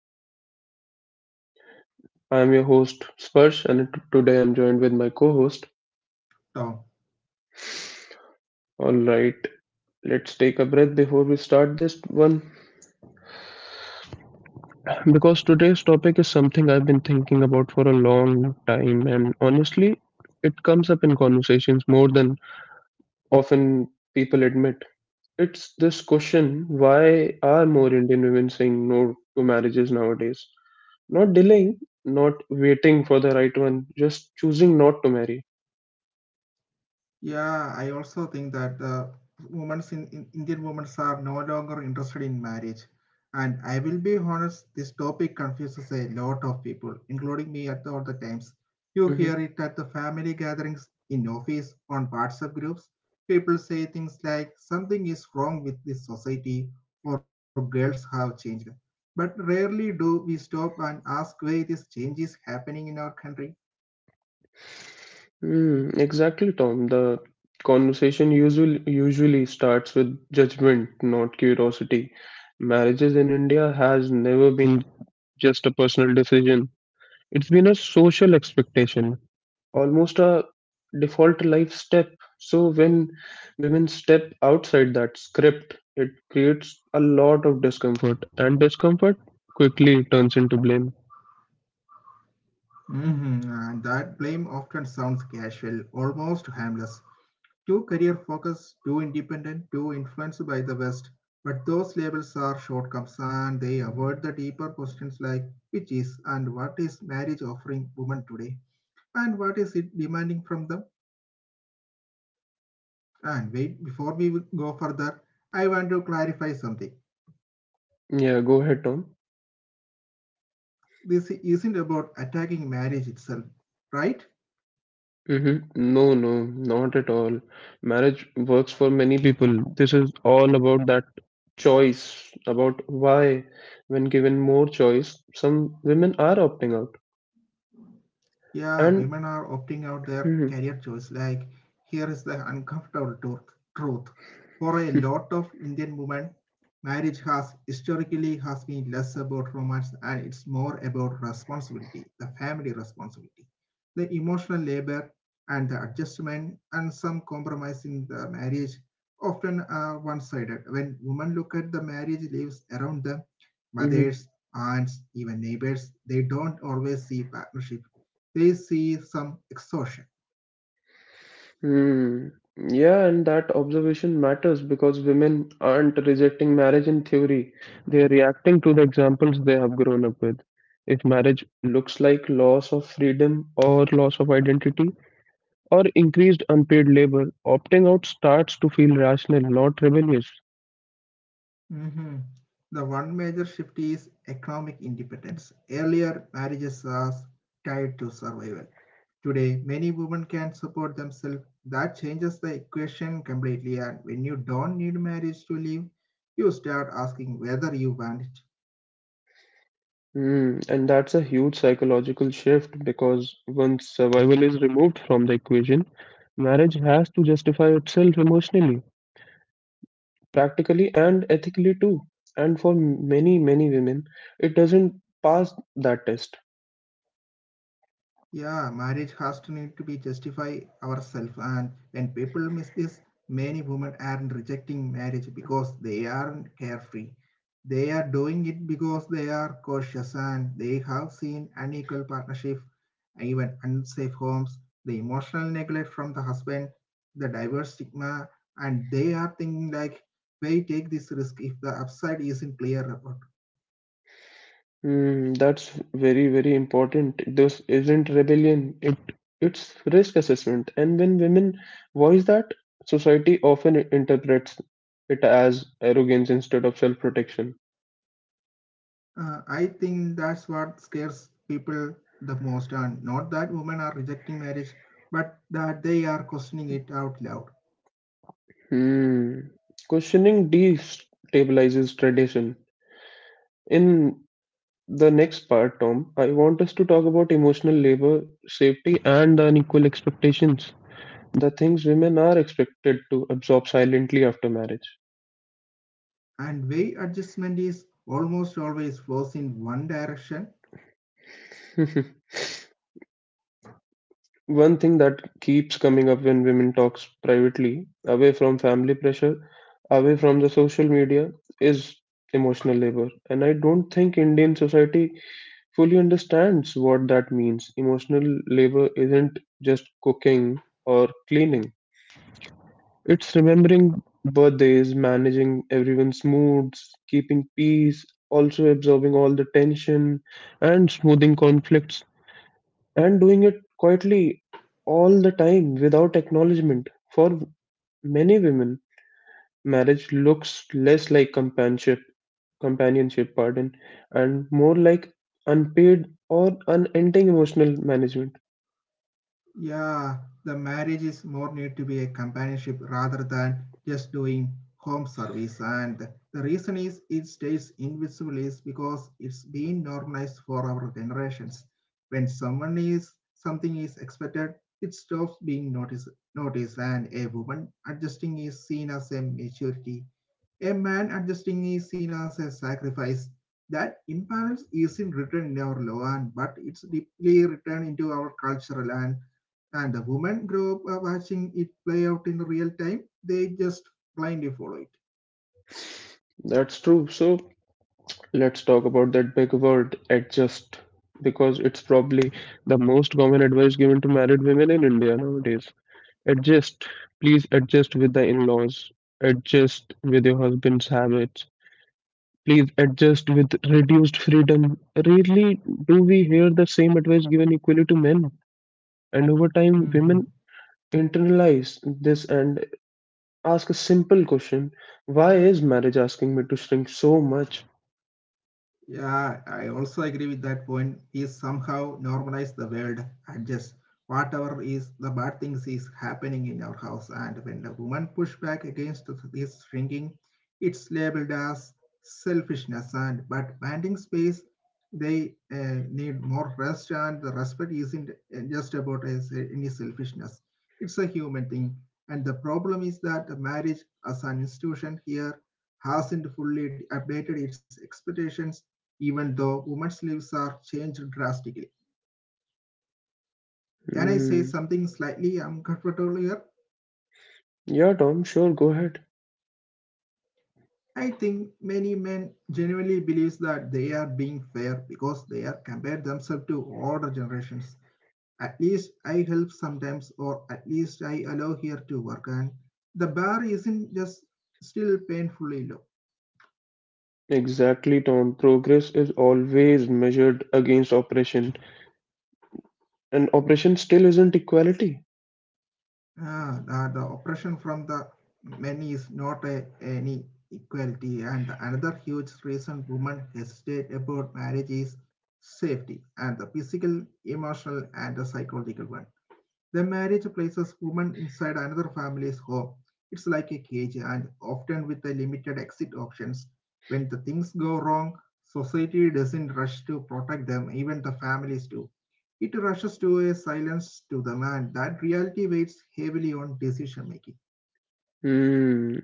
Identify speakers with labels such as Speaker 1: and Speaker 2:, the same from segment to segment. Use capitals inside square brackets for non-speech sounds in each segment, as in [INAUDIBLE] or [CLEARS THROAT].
Speaker 1: to my podcast. I'm your host, Sparsh, and today I'm joined with my co host.
Speaker 2: Down.
Speaker 1: All right. Let's take a breath before we start this one because today's topic is something I've been thinking about for a long time, and honestly, it comes up in conversations more than often people admit. It's this question: why are more Indian women saying no to marriages nowadays? Not delaying, not waiting for the right one, just choosing not to marry.
Speaker 2: Yeah, I also think that the women's in Indian women are no longer interested in marriage. And I will be honest, this topic confuses a lot of people, including me at all the times. You
Speaker 1: Mhm.
Speaker 2: hear it at the family gatherings, in office, on WhatsApp groups. People say things like something is wrong with this society or girls have changed. But rarely do we stop and ask why this change is happening in our country.
Speaker 1: Mm, exactly, Tom. The conversation usually starts with judgment, not curiosity. Marriages in India has never been just a personal decision. It's been a social expectation, almost a default life step. So when women step outside that script, it creates a lot of discomfort, and discomfort quickly turns into blame.
Speaker 2: Mhm. That blame often sounds casual, almost harmless. Too career focused, too independent, too influenced by the West. But those labels are shortcomings and they avoid the deeper questions like which is and what is marriage offering women today and what is it demanding from them. And wait, before we go further, I want to clarify something.
Speaker 1: Yeah, go ahead, Tom.
Speaker 2: This isn't about attacking marriage itself, right?
Speaker 1: Mm-hmm. No, no, not at all. Marriage works for many people. This is all about that choice, about why, when given more choice, some women are opting out.
Speaker 2: Yeah,
Speaker 1: And
Speaker 2: women are opting out their
Speaker 1: hmm
Speaker 2: career choice. Like, here is the uncomfortable truth. For a lot
Speaker 1: [LAUGHS]
Speaker 2: of Indian women, marriage has historically has been less about romance and it's more about responsibility, the family responsibility, the emotional labor and the adjustment and some compromise in the marriage often are one-sided. When women look at the marriage lives around them, mothers, aunts, even neighbors, they don't always see partnership, they see some exhaustion.
Speaker 1: hmm yeah, and that observation matters because women aren't rejecting marriage in theory. They are reacting to the examples they have grown up with. If marriage looks like loss of freedom or loss of identity, or increased unpaid labor, opting out starts to feel rational, not rebellious.
Speaker 2: Mm-hmm. The one major shift is economic independence. Earlier, marriages was tied to survival. Today, many women can support themselves. That changes the equation completely. And when you don't need marriage to live, you start asking whether you want it.
Speaker 1: Hmm, and that's a huge psychological shift because once survival is removed from the equation, marriage has to justify itself emotionally, practically, and ethically too. And for many, many women, it doesn't pass that test.
Speaker 2: Yeah, marriage has to need to be justify ourselves, and when people miss this, many women aren't rejecting marriage because they aren't carefree. They are doing it because they are cautious and they have seen unequal partnership, even unsafe homes, the emotional neglect from the husband, the divorce stigma, and they are thinking like, why take this risk if the upside isn't clear?
Speaker 1: Mm, that's very, very important. This isn't rebellion. It's risk assessment. And when women voice that, society often interprets it as arrogance instead of self-protection.
Speaker 2: I think that's what scares people the most, and not that women are rejecting marriage, but that they are questioning it out loud.
Speaker 1: Hmm. Questioning destabilizes tradition. In the next part, Tom, I want us to talk about emotional labor, safety, and the unequal expectations. The things women are expected to absorb silently after marriage.
Speaker 2: And way adjustment is almost always flows in one direction.
Speaker 1: [LAUGHS] One thing that keeps coming up when women talks privately, away from family pressure, away from the social media, is emotional labor. And I don't think Indian society fully understands what that means. Emotional labor isn't just cooking or cleaning. It's remembering birthdays, managing everyone's moods, keeping peace, also absorbing all the tension and smoothing conflicts and doing it quietly all the time without acknowledgement. For many women, marriage looks less like companionship, pardon, and more like unpaid or unending emotional management.
Speaker 2: Yeah, the marriage is more need to be a companionship rather than just doing home service. And the reason is it stays invisible is because it's been normalized for our generations. When someone is something is expected, it stops being noticed and a woman adjusting is seen as a maturity. A man adjusting is seen as a sacrifice. That imbalance isn't written in our law, but it's deeply written into our cultural and the women grow up watching it play out in real time, they just blindly follow it.
Speaker 1: That's true. So let's talk about that big word, adjust, because it's probably the most common advice given to married women in India nowadays. Adjust. Please adjust with the in-laws. Adjust with your husband's habits, please adjust with reduced freedom. Rarely do we hear the same advice given equally to men, and over time,
Speaker 2: Mhm.
Speaker 1: women internalize this and ask a simple question: why is marriage asking me to shrink so much?
Speaker 2: Yeah, I also agree with that point. Is somehow normalize the world, adjust whatever is the bad things is happening in our house. And when the woman push back against this shrinking, it's labeled as selfishness. And but banding space, they need more rest, and the respect isn't just about as any selfishness. It's a human thing. And the problem is that the marriage as an institution here hasn't fully updated its expectations even though women's lives are changed drastically. Can I say
Speaker 1: Hmm.
Speaker 2: something slightly uncomfortable here?
Speaker 1: Yeah, Tom, sure, go ahead.
Speaker 2: I think many men genuinely believe that they are being fair because they are compared themselves to older generations. At least I help sometimes, or at least I allow here to work, and the bar isn't just still painfully low.
Speaker 1: Exactly, Tom. Progress is always measured against oppression, and oppression still isn't equality.
Speaker 2: The oppression from the many is not any equality, and another huge reason women hesitate about marriage is safety, and the physical, emotional, and the psychological one. The marriage places women inside another family's home. It's like a cage and often with a limited exit options. When the things go wrong, society doesn't rush to protect them, even the families do. It rushes to a silence to them and that reality weighs heavily on decision making.
Speaker 1: Hmm.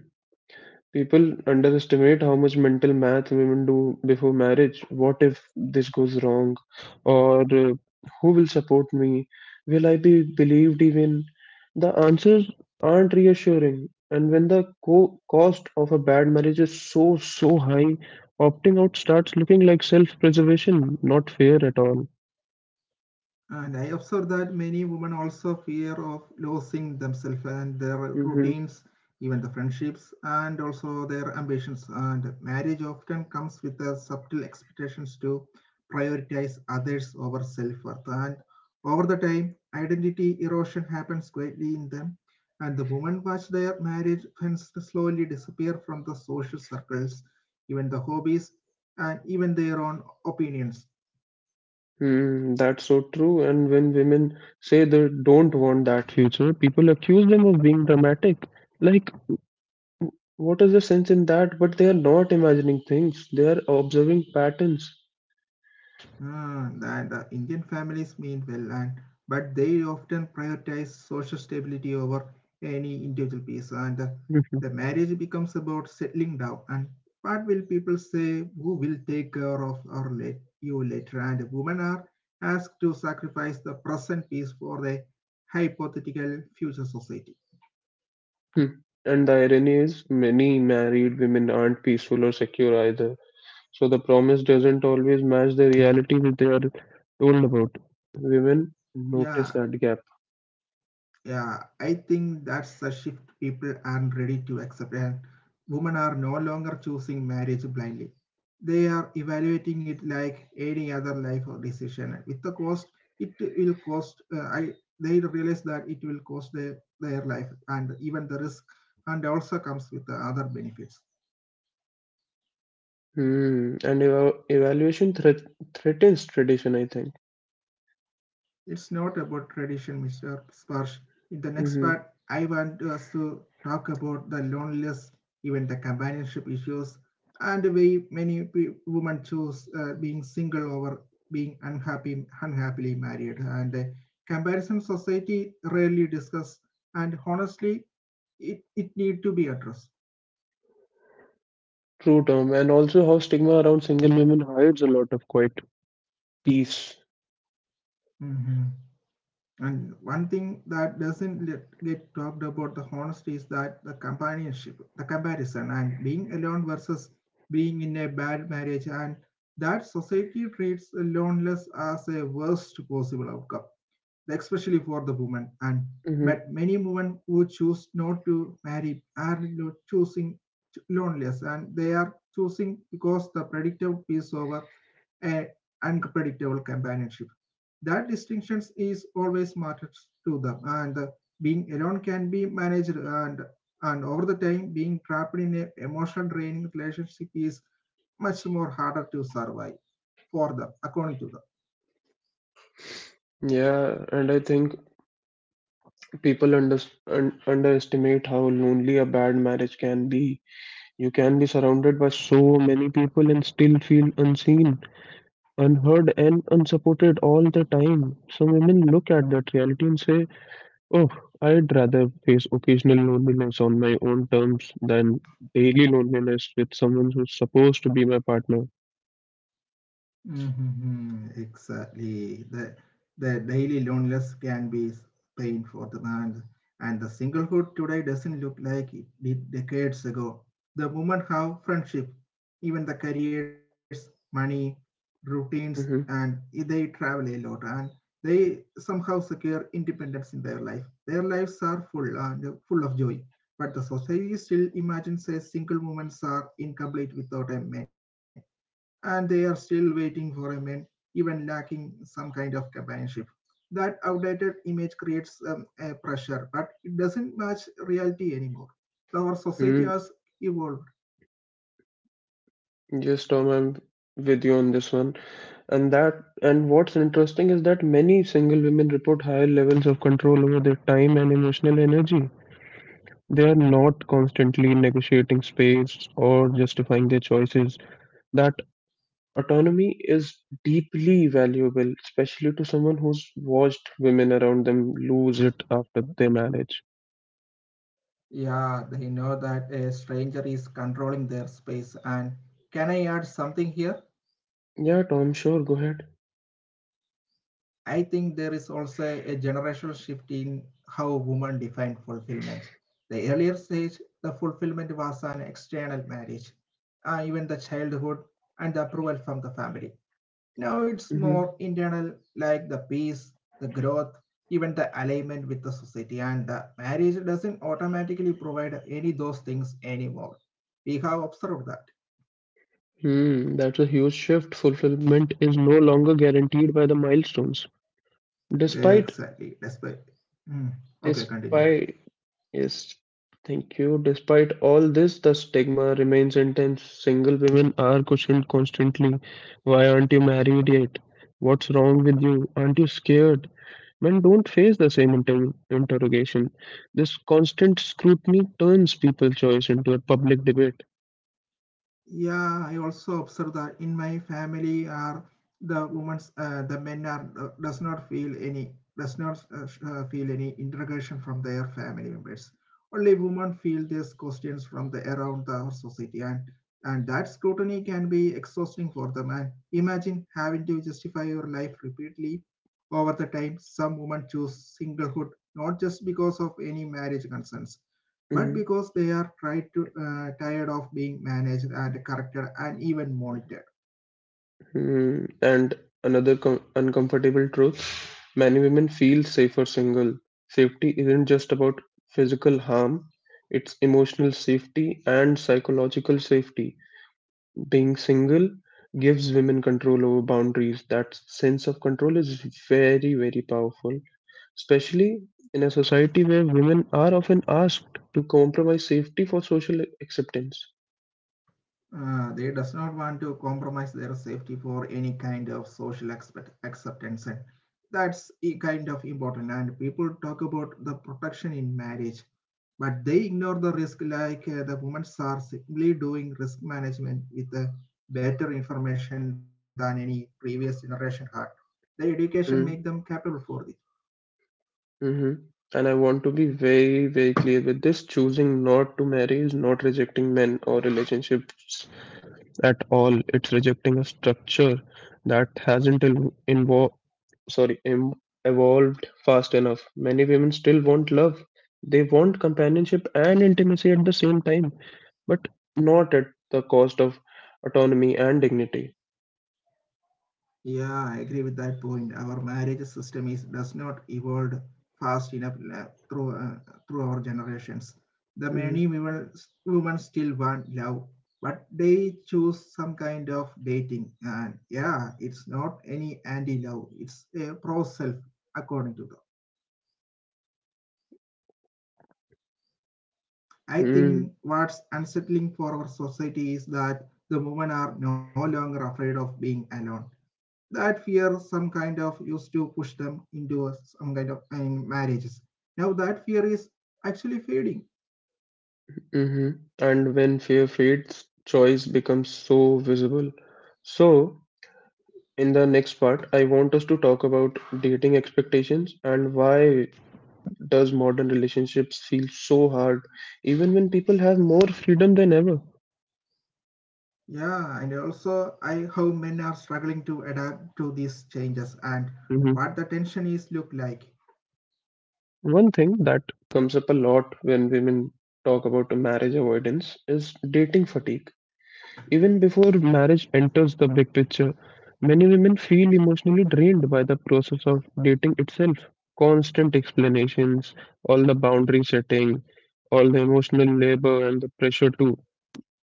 Speaker 1: People underestimate how much mental math women do before marriage. What if this goes wrong? Or who will support me? Will I be believed even? The answers aren't reassuring. And when the cost of a bad marriage is so, so high, opting out starts looking like self-preservation, not fair at all.
Speaker 2: And I observe that many women also fear of losing themselves and their
Speaker 1: Mm-hmm.
Speaker 2: routines, even the friendships, and also their ambitions. And marriage often comes with the subtle expectations to prioritize others over self-worth. And over the time, identity erosion happens greatly in them. And the women watch their marriage friends slowly disappear from the social circles, even the hobbies, and even their own opinions.
Speaker 1: Mm, that's so true. And when women say they don't want that future, people accuse them of being dramatic. Like, what is the sense in that? But they are not imagining things, they are observing patterns.
Speaker 2: That Indian families mean well, and but they often prioritize social stability over any individual peace, and
Speaker 1: Mhm.
Speaker 2: the marriage becomes about settling down. And what will people say? Who will take care of our late you later? And women are asked to sacrifice the present peace for the hypothetical future society.
Speaker 1: Hmm. And the irony is, many married women aren't peaceful or secure either. So the promise doesn't always match the reality that they are told about. Women notice
Speaker 2: Yeah,
Speaker 1: that gap.
Speaker 2: yeah, I think that's a shift people aren't ready to accept, and women are no longer choosing marriage blindly. They are evaluating it like any other life or decision. With the cost, it will cost. I they realize that it will cost their life and even the risk, and also comes with the other benefits.
Speaker 1: Hmm. And evaluation threatens tradition, I think.
Speaker 2: It's not about tradition, Mr. Sparsh. In the next
Speaker 1: hmm
Speaker 2: part, I want us to talk about the loneliness, even the companionship issues, and the way many women choose being single over being unhappily married. And the comparison society rarely discuss, and honestly, it need to be addressed.
Speaker 1: True term. And also how stigma around single women hides a lot of quiet peace.
Speaker 2: Mm-hmm. And one thing that doesn't get talked about the honesty is that the companionship, the comparison, and being alone versus being in a bad marriage, and that society treats loneliness as a worst possible outcome, especially for the woman. And
Speaker 1: hmm
Speaker 2: but many women who choose not to marry are choosing loneliness, and they are choosing because the predictable is over a unpredictable companionship, that distinctions is always matters to them and being alone can be managed and over the time being trapped in a emotional draining relationship is much more harder to survive for them according to them.
Speaker 1: Yeah. And I think people underestimate how lonely a bad marriage can be. You can be surrounded by so many people and still feel unseen, unheard, and unsupported all the time. Some women look at that reality and say, oh, I'd rather face occasional loneliness on my own terms than daily loneliness with someone who's supposed to be my partner.
Speaker 2: Mm-hmm. Exactly. The daily loneliness can be pain for the man, and the singlehood today doesn't look like it did decades ago. The women have friendship, even the careers, money, routines, and
Speaker 1: Mm-hmm.
Speaker 2: they travel a lot, and they somehow secure independence in their life. Their lives are full and full of joy, but the society still imagines a single women are incomplete without a man and they are still waiting for a man, even lacking some kind of companionship. That outdated image creates a pressure, but it doesn't match reality anymore. Our society
Speaker 1: Mm-hmm.
Speaker 2: has evolved.
Speaker 1: Yes, Tom, I'm with you on this one. And that and what's interesting is that many single women report higher levels of control over their time and emotional energy. They are not constantly negotiating space or justifying their choices. That autonomy is deeply valuable, especially to someone who's watched women around them lose it after their marriage.
Speaker 2: Yeah, they know that a stranger is controlling their space. And can I add something here?
Speaker 1: Yeah, Tom, sure, go ahead.
Speaker 2: I think there is also a generational shift in how women define fulfillment. The earlier stage, the fulfillment was an external marriage, even the childhood and the approval from the family. Now it's more
Speaker 1: hmm
Speaker 2: internal, like the peace, the growth, even the alignment with the society. And the marriage doesn't automatically provide any those things anymore. We have observed that.
Speaker 1: Hmm, that's a huge shift. Fulfillment is no longer guaranteed by the milestones. Despite
Speaker 2: Exactly. That's why. Mm. Okay, continue.
Speaker 1: despite Yes, thank you. Despite all this, the stigma remains intense. Single women are questioned constantly. Why aren't you married yet? What's wrong with you? Aren't you scared? Men don't face the same interrogation. This constant scrutiny turns people's choice into a public debate.
Speaker 2: Yeah, I also observe that in my family are the women's the men are does not feel any does not feel any integration from their family members. Only women feel these questions from the around the society and that scrutiny can be exhausting for them. And imagine having to justify your life repeatedly over the time. Some women choose singlehood not just because of any marriage concerns but
Speaker 1: Mhm.
Speaker 2: because they are tired of being managed and corrected and even monitored.
Speaker 1: Hmm. And another uncomfortable truth: many women feel safer single. Safety isn't just about physical harm, it's emotional safety and psychological safety. Being single gives women control over boundaries. That sense of control is very, very powerful, especially in a society where women are often asked to compromise safety for social acceptance.
Speaker 2: They does not want to compromise their safety for any kind of social acceptance. And that's kind of important. And people talk about the protection in marriage, but they ignore the risk like the women are simply doing risk management with better information than any previous generation had. The education make them
Speaker 1: Hmm.
Speaker 2: capable for this.
Speaker 1: Mhm. And I want to be very, very clear with this. Choosing not to marry is not rejecting men or relationships at all. It's rejecting a structure that hasn't sorry, em- evolved fast enough. Many women still want love. They want companionship and intimacy at the same time, but not at the cost of autonomy and dignity.
Speaker 2: Yeah, I agree with that point. Our marriage system is does not evolve fast enough through our generations. The
Speaker 1: hmm
Speaker 2: many women still want love, but they choose some kind of dating. And yeah, it's not any anti-love. It's a pro-self, according to them. I
Speaker 1: hmm
Speaker 2: think what's unsettling for our society is that the women are no longer afraid of being alone. That fear some kind of used to push them into some kind of I marriages, now that fear is actually fading.
Speaker 1: And when fear fades, choice becomes so visible. So, in the next part, I want us to talk about dating expectations and why does modern relationships feel so hard even when people have more freedom than ever.
Speaker 2: Yeah, and also I how men are struggling to adapt to these changes and
Speaker 1: hmm
Speaker 2: what the tension is look like.
Speaker 1: One thing that comes up a lot when women talk about marriage avoidance is dating fatigue. Even before marriage enters the big picture, many women feel emotionally drained by the process of dating itself. Constant explanations, all the boundary setting, all the emotional labor and the pressure to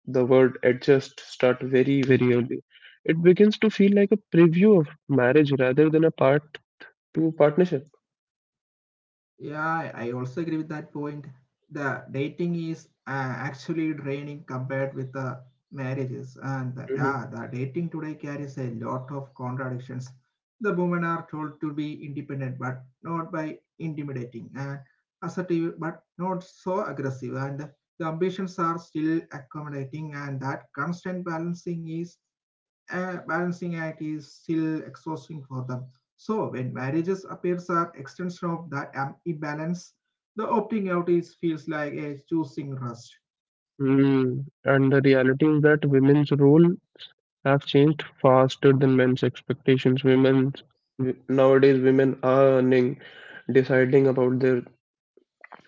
Speaker 1: the word adjust start very, very early. It begins to feel like a preview of marriage rather than a part to partnership.
Speaker 2: Yeah, I also agree with that point. The dating is actually draining compared with the marriages, and yeah,
Speaker 1: Mhm.
Speaker 2: the dating today carries a lot of contradictions. The women are told to be independent, but not by intimidating and assertive, but not so aggressive. And the ambitions are still accommodating, and that constant balancing act is still exhausting for them. So when marriages appears as extension of the imbalance, the opting out is feels like a choosing rest.
Speaker 1: Mm. And the reality is that women's role have changed faster than men's expectations. Women nowadays women are earning, deciding about their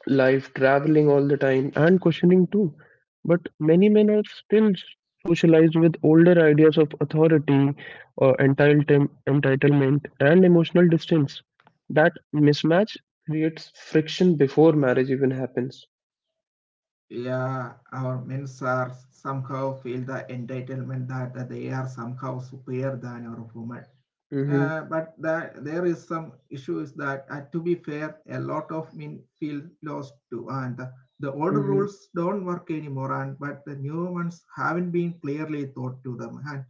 Speaker 1: life, traveling all the time, and questioning too. But many men are still socialized with older ideas of authority, entitlement, and emotional distance. That mismatch creates friction before marriage even happens.
Speaker 2: Yeah, our men are somehow feel the entitlement that they are somehow superior than our women.
Speaker 1: Mm-hmm.
Speaker 2: But that there is some issues that, to be fair, a lot of men feel lost to. And the older
Speaker 1: Mm-hmm.
Speaker 2: rules don't work anymore, and but the new ones haven't been clearly taught to them. And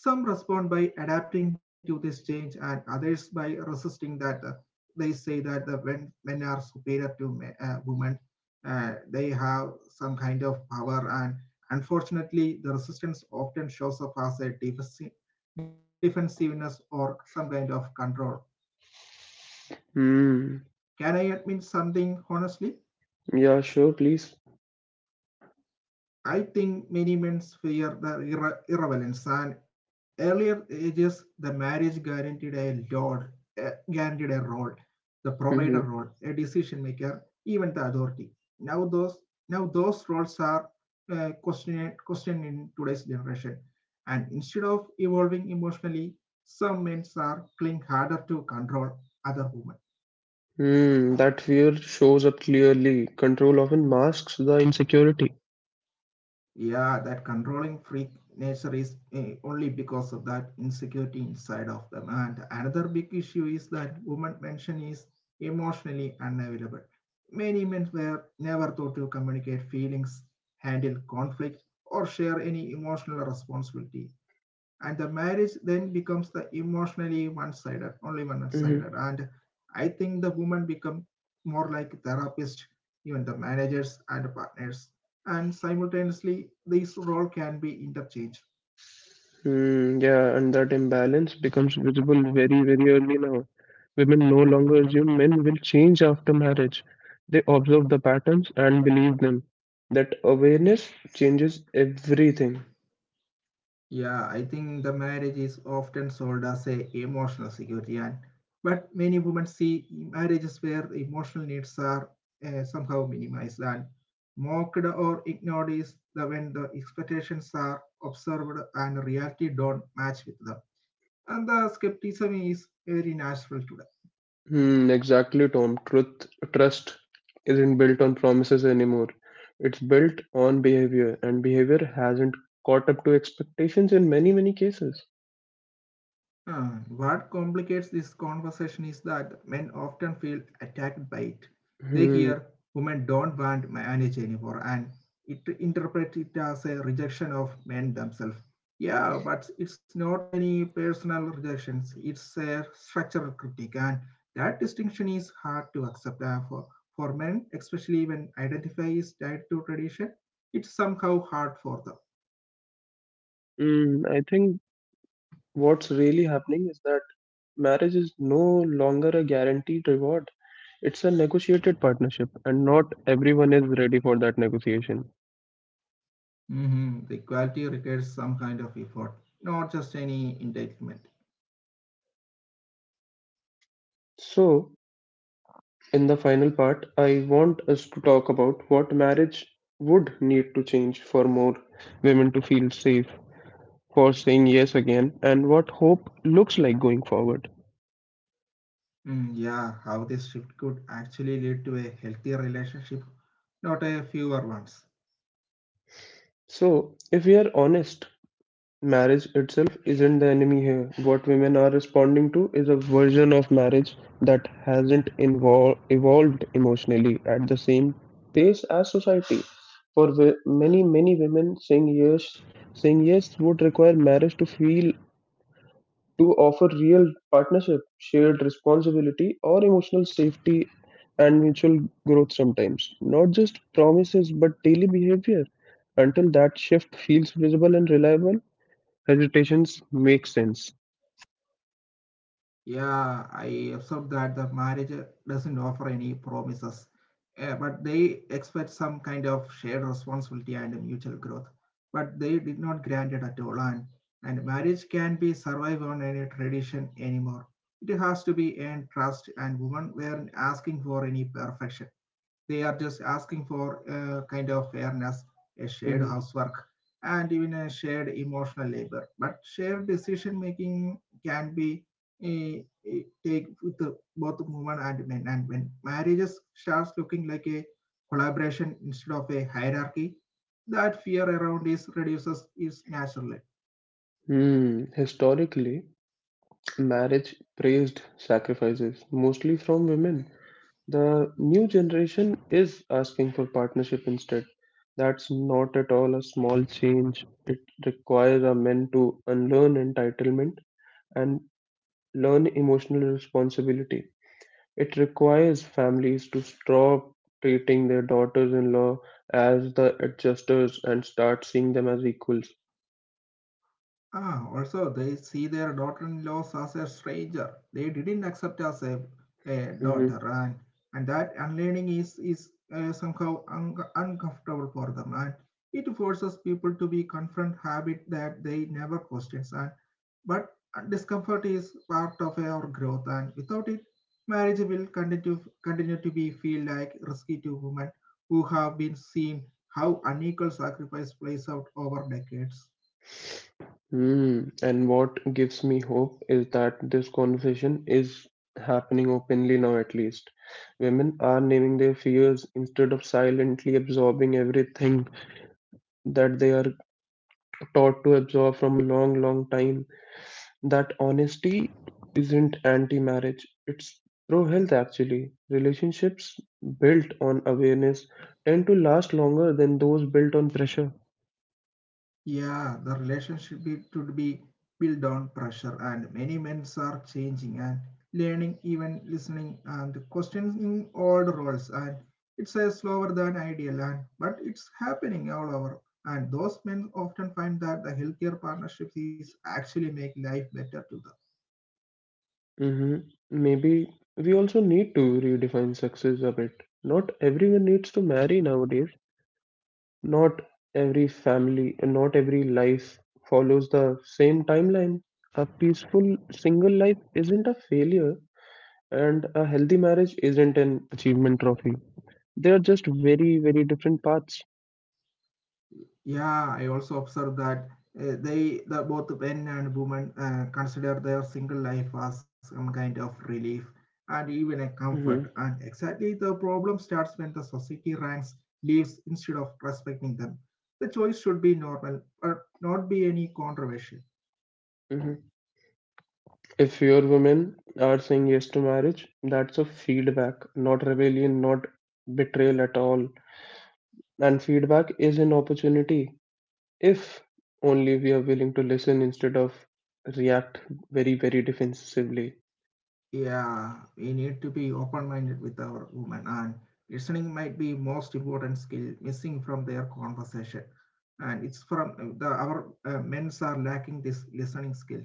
Speaker 2: some respond by adapting to this change, and others by resisting that. They say that the men are superior to men, women. They have some kind of power, and unfortunately, the resistance often shows up as a deficiency defensiveness or some kind of control.
Speaker 1: Mm.
Speaker 2: Can I admit something honestly?
Speaker 1: Yeah, sure, please.
Speaker 2: I think many men fear the irrelevance and earlier ages the marriage guaranteed a lord, guaranteed a role, the provider role,
Speaker 1: Mm-hmm.
Speaker 2: a decision maker, even the authority. Now those now those roles are questioned in today's generation, and instead of evolving emotionally, some men are cling harder to control other women.
Speaker 1: Mm. That fear shows up clearly. Control often masks the insecurity.
Speaker 2: Yeah, that controlling freak nature is only because of that insecurity inside of them. And another big issue is that women mentioned is emotionally unavailable. Many men were never taught to communicate feelings, handle conflict, or share any emotional responsibility. And the marriage then becomes the emotionally one-sided, only one-sided.
Speaker 1: Mm-hmm.
Speaker 2: And I think the women become more like therapist, even the managers and partners and simultaneously these role can be interchanged.
Speaker 1: Mm, yeah, and that imbalance becomes visible very, very early now. Women no longer assume men will change after marriage. They observe the patterns and believe them. That awareness changes everything.
Speaker 2: Yeah I think the marriage is often sold as a emotional security and but many women see marriages where the emotional needs are somehow minimized and mocked or ignored is the when the expectations are observed and reality don't match with them, and the skepticism is very natural today.
Speaker 1: Hmm, exactly, Tom. Trust isn't built on promises anymore. It's built on behavior, and behavior hasn't caught up to expectations in many, many cases.
Speaker 2: What complicates this conversation is that men often feel attacked by it. They
Speaker 1: Hmm.
Speaker 2: hear women don't want marriage anymore and it interpret it as a rejection of men themselves. Yeah, but it's not any personal rejections, it's a structural critique, and that distinction is hard to accept for men, especially when identify is tied to tradition. It's somehow hard for them.
Speaker 1: Mm, I think what's really happening is that marriage is no longer a guaranteed reward. It's a negotiated partnership, and not everyone is ready for that negotiation.
Speaker 2: Mhm. The equality requires some kind of effort, not just any entitlement.
Speaker 1: So, in the final part, I want us to talk about what marriage would need to change for more women to feel safe for saying yes again and what hope looks like going forward.
Speaker 2: Mm, yeah, how this shift could actually lead to a healthier relationship, not a fewer ones.
Speaker 1: So, if we are honest, marriage itself isn't the enemy here; what women are responding to is a version of marriage that hasn't evolved emotionally at the same pace as society. For many, many women, saying yes would require marriage to offer real partnership, shared responsibility, or emotional safety and mutual growth sometimes. Not just promises, but daily behavior. Until that shift feels visible and reliable, hesitations make sense.
Speaker 2: Yeah, I observed that the marriage doesn't offer any promises, but they expect some kind of shared responsibility and mutual growth. But they did not grant it at all, and marriage can be survived on any tradition anymore. It has to be in trust, and women weren't asking for any perfection. They are just asking for a kind of fairness, a shared
Speaker 1: Mhm.
Speaker 2: housework, and even a shared emotional labor. But shared decision making can be eh, take with the, both women and men. And when marriages starts looking like a collaboration instead of a hierarchy, that fear around is reduces is naturally.
Speaker 1: Hmm. Historically, marriage praised sacrifices, mostly from women. The new generation is asking for partnership instead. That's not at all a small change. It requires our men to unlearn entitlement and learn emotional responsibility. It requires families to stop treating their daughters in law as the adjusters and start seeing them as equals.
Speaker 2: Ah, also, they see their daughter-in-law as a stranger. They didn't accept as a
Speaker 1: Mm-hmm.
Speaker 2: daughter, and that unlearning is somehow uncomfortable for them, and it forces people to be confront habit that they never questions. And but discomfort is part of our growth, and without it, marriage will continue to be feel like risky to women who have been seen how unequal sacrifice plays out over decades.
Speaker 1: Hmm. And what gives me hope is that this conversation is happening openly now, at least. Women are naming their fears instead of silently absorbing everything that they are taught to absorb from a long, long time. That honesty isn't anti marriage, it's pro health, actually. Relationships built on awareness tend to last longer than those built on pressure.
Speaker 2: Yeah, the relationship it should be built on pressure, and many men are changing and learning, even listening and questioning old roles. And it's a slower than ideal, and but it's happening all over. And those men often find that the healthier partnerships is actually make life better to them.
Speaker 1: hmm Maybe we also need to redefine success a bit. Not everyone needs to marry nowadays. Not every family, not every life follows the same timeline. A peaceful single life isn't a failure, and a healthy marriage isn't an achievement trophy. They are just very, very different paths.
Speaker 2: Yeah, I also observed that they, the both men and women, consider their single life as some kind of relief and even a comfort. And
Speaker 1: hmm
Speaker 2: exactly the problem starts when the society ranks leaves instead of respecting them. The choice should be normal, but not be any controversial.
Speaker 1: hmm If your women are saying yes to marriage, that's a feedback, not rebellion, not betrayal at all. And feedback is an opportunity if only we are willing to listen instead of react very, very defensively.
Speaker 2: Yeah, we need to be open-minded with our women, and listening might be most important skill missing from their conversation. And it's from the our men's are lacking this listening skill.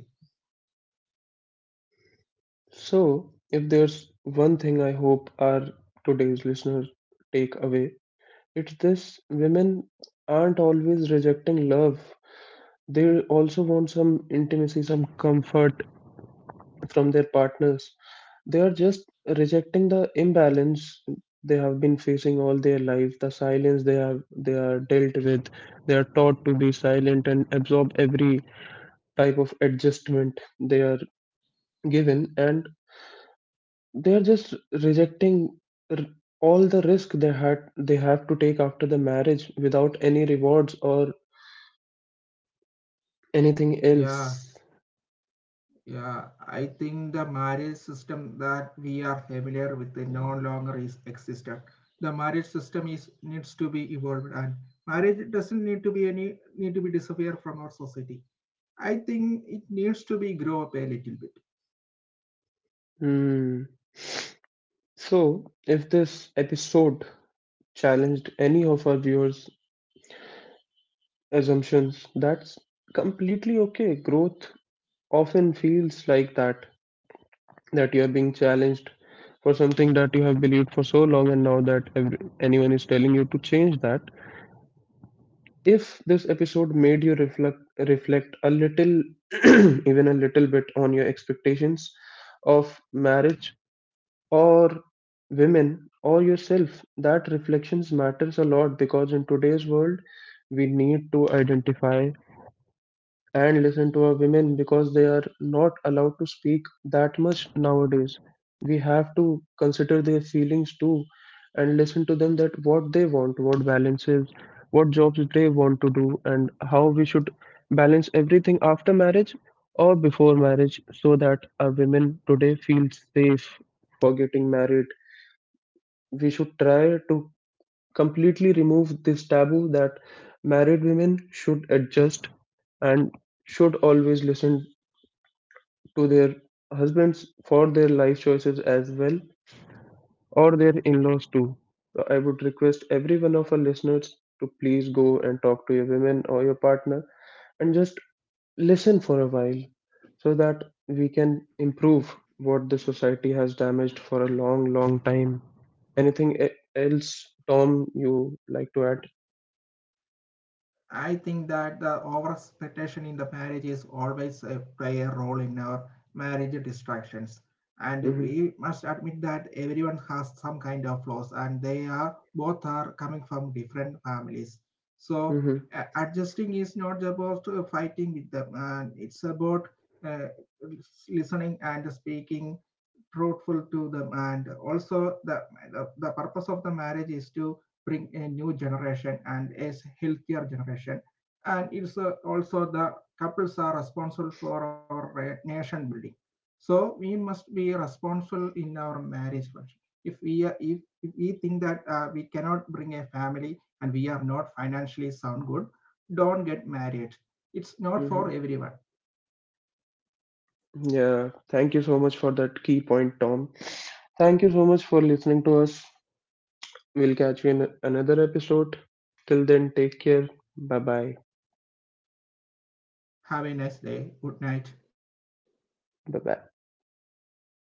Speaker 1: So, if there's one thing I hope our today's listeners take away, it's this: women aren't always rejecting love. They also want some intimacy, some comfort from their partners. They are just rejecting the imbalance they have been facing all their life, the silence they have they are dealt with. They are taught to be silent and absorb every type of adjustment they are given, and they are just rejecting r- all the risk they have to take after the marriage without any rewards or anything
Speaker 2: Yeah,
Speaker 1: else.
Speaker 2: yeah. I think the marriage system that we are familiar with it no longer is existent. The marriage system is needs to be evolved, and marriage doesn't need to be any need to be disappear from our society. I think it needs to be grow up a little bit.
Speaker 1: Hmm. So, if this episode challenged any of our viewers assumptions. That's completely okay. Growth often feels like that, that you are being challenged for something that you have believed for so long, and now that anyone is telling you to change that. If this episode made you reflect a little, [CLEARS THROAT] even a little bit on your expectations of marriage or women or yourself, that reflections matters a lot because in today's world we need to identify and listen to our women because they are not allowed to speak that much nowadays. We have to consider their feelings too and listen to them that what they want, what balances, what jobs they want to do, and how we should balance everything after marriage or before marriage so that our women today feel safe for getting married. We should try to completely remove this taboo that married women should adjust and should always listen to their husbands for their life choices as well, or their in laws too. So I would request every one of our listeners to please go and talk to your women or your partner and just listen for a while so that we can improve what the society has damaged for a long, long time. Anything else, Tom, you like to add?
Speaker 2: I think that the over expectation in the marriage is always play a role in our marriage distractions. And
Speaker 1: hmm
Speaker 2: we must admit that everyone has some kind of flaws, and they are both are coming from different families. So
Speaker 1: hmm
Speaker 2: adjusting is not about fighting with them, and it's about uh, listening and speaking truthful to them. And also the purpose of the marriage is to bring a new generation and a healthier generation. And it's also the couples are responsible for our nation building. So we must be responsible in our marriage function. If we are, if we think that we cannot bring a family and we are not financially sound good, don't get married. It's not for
Speaker 1: hmm
Speaker 2: everyone.
Speaker 1: Yeah, thank you so much for that key point, Tom. Thank you so much for listening to us. We'll catch you in another episode. Till then, take care. Bye bye.
Speaker 2: Have a nice day. Good night.
Speaker 1: Bye bye.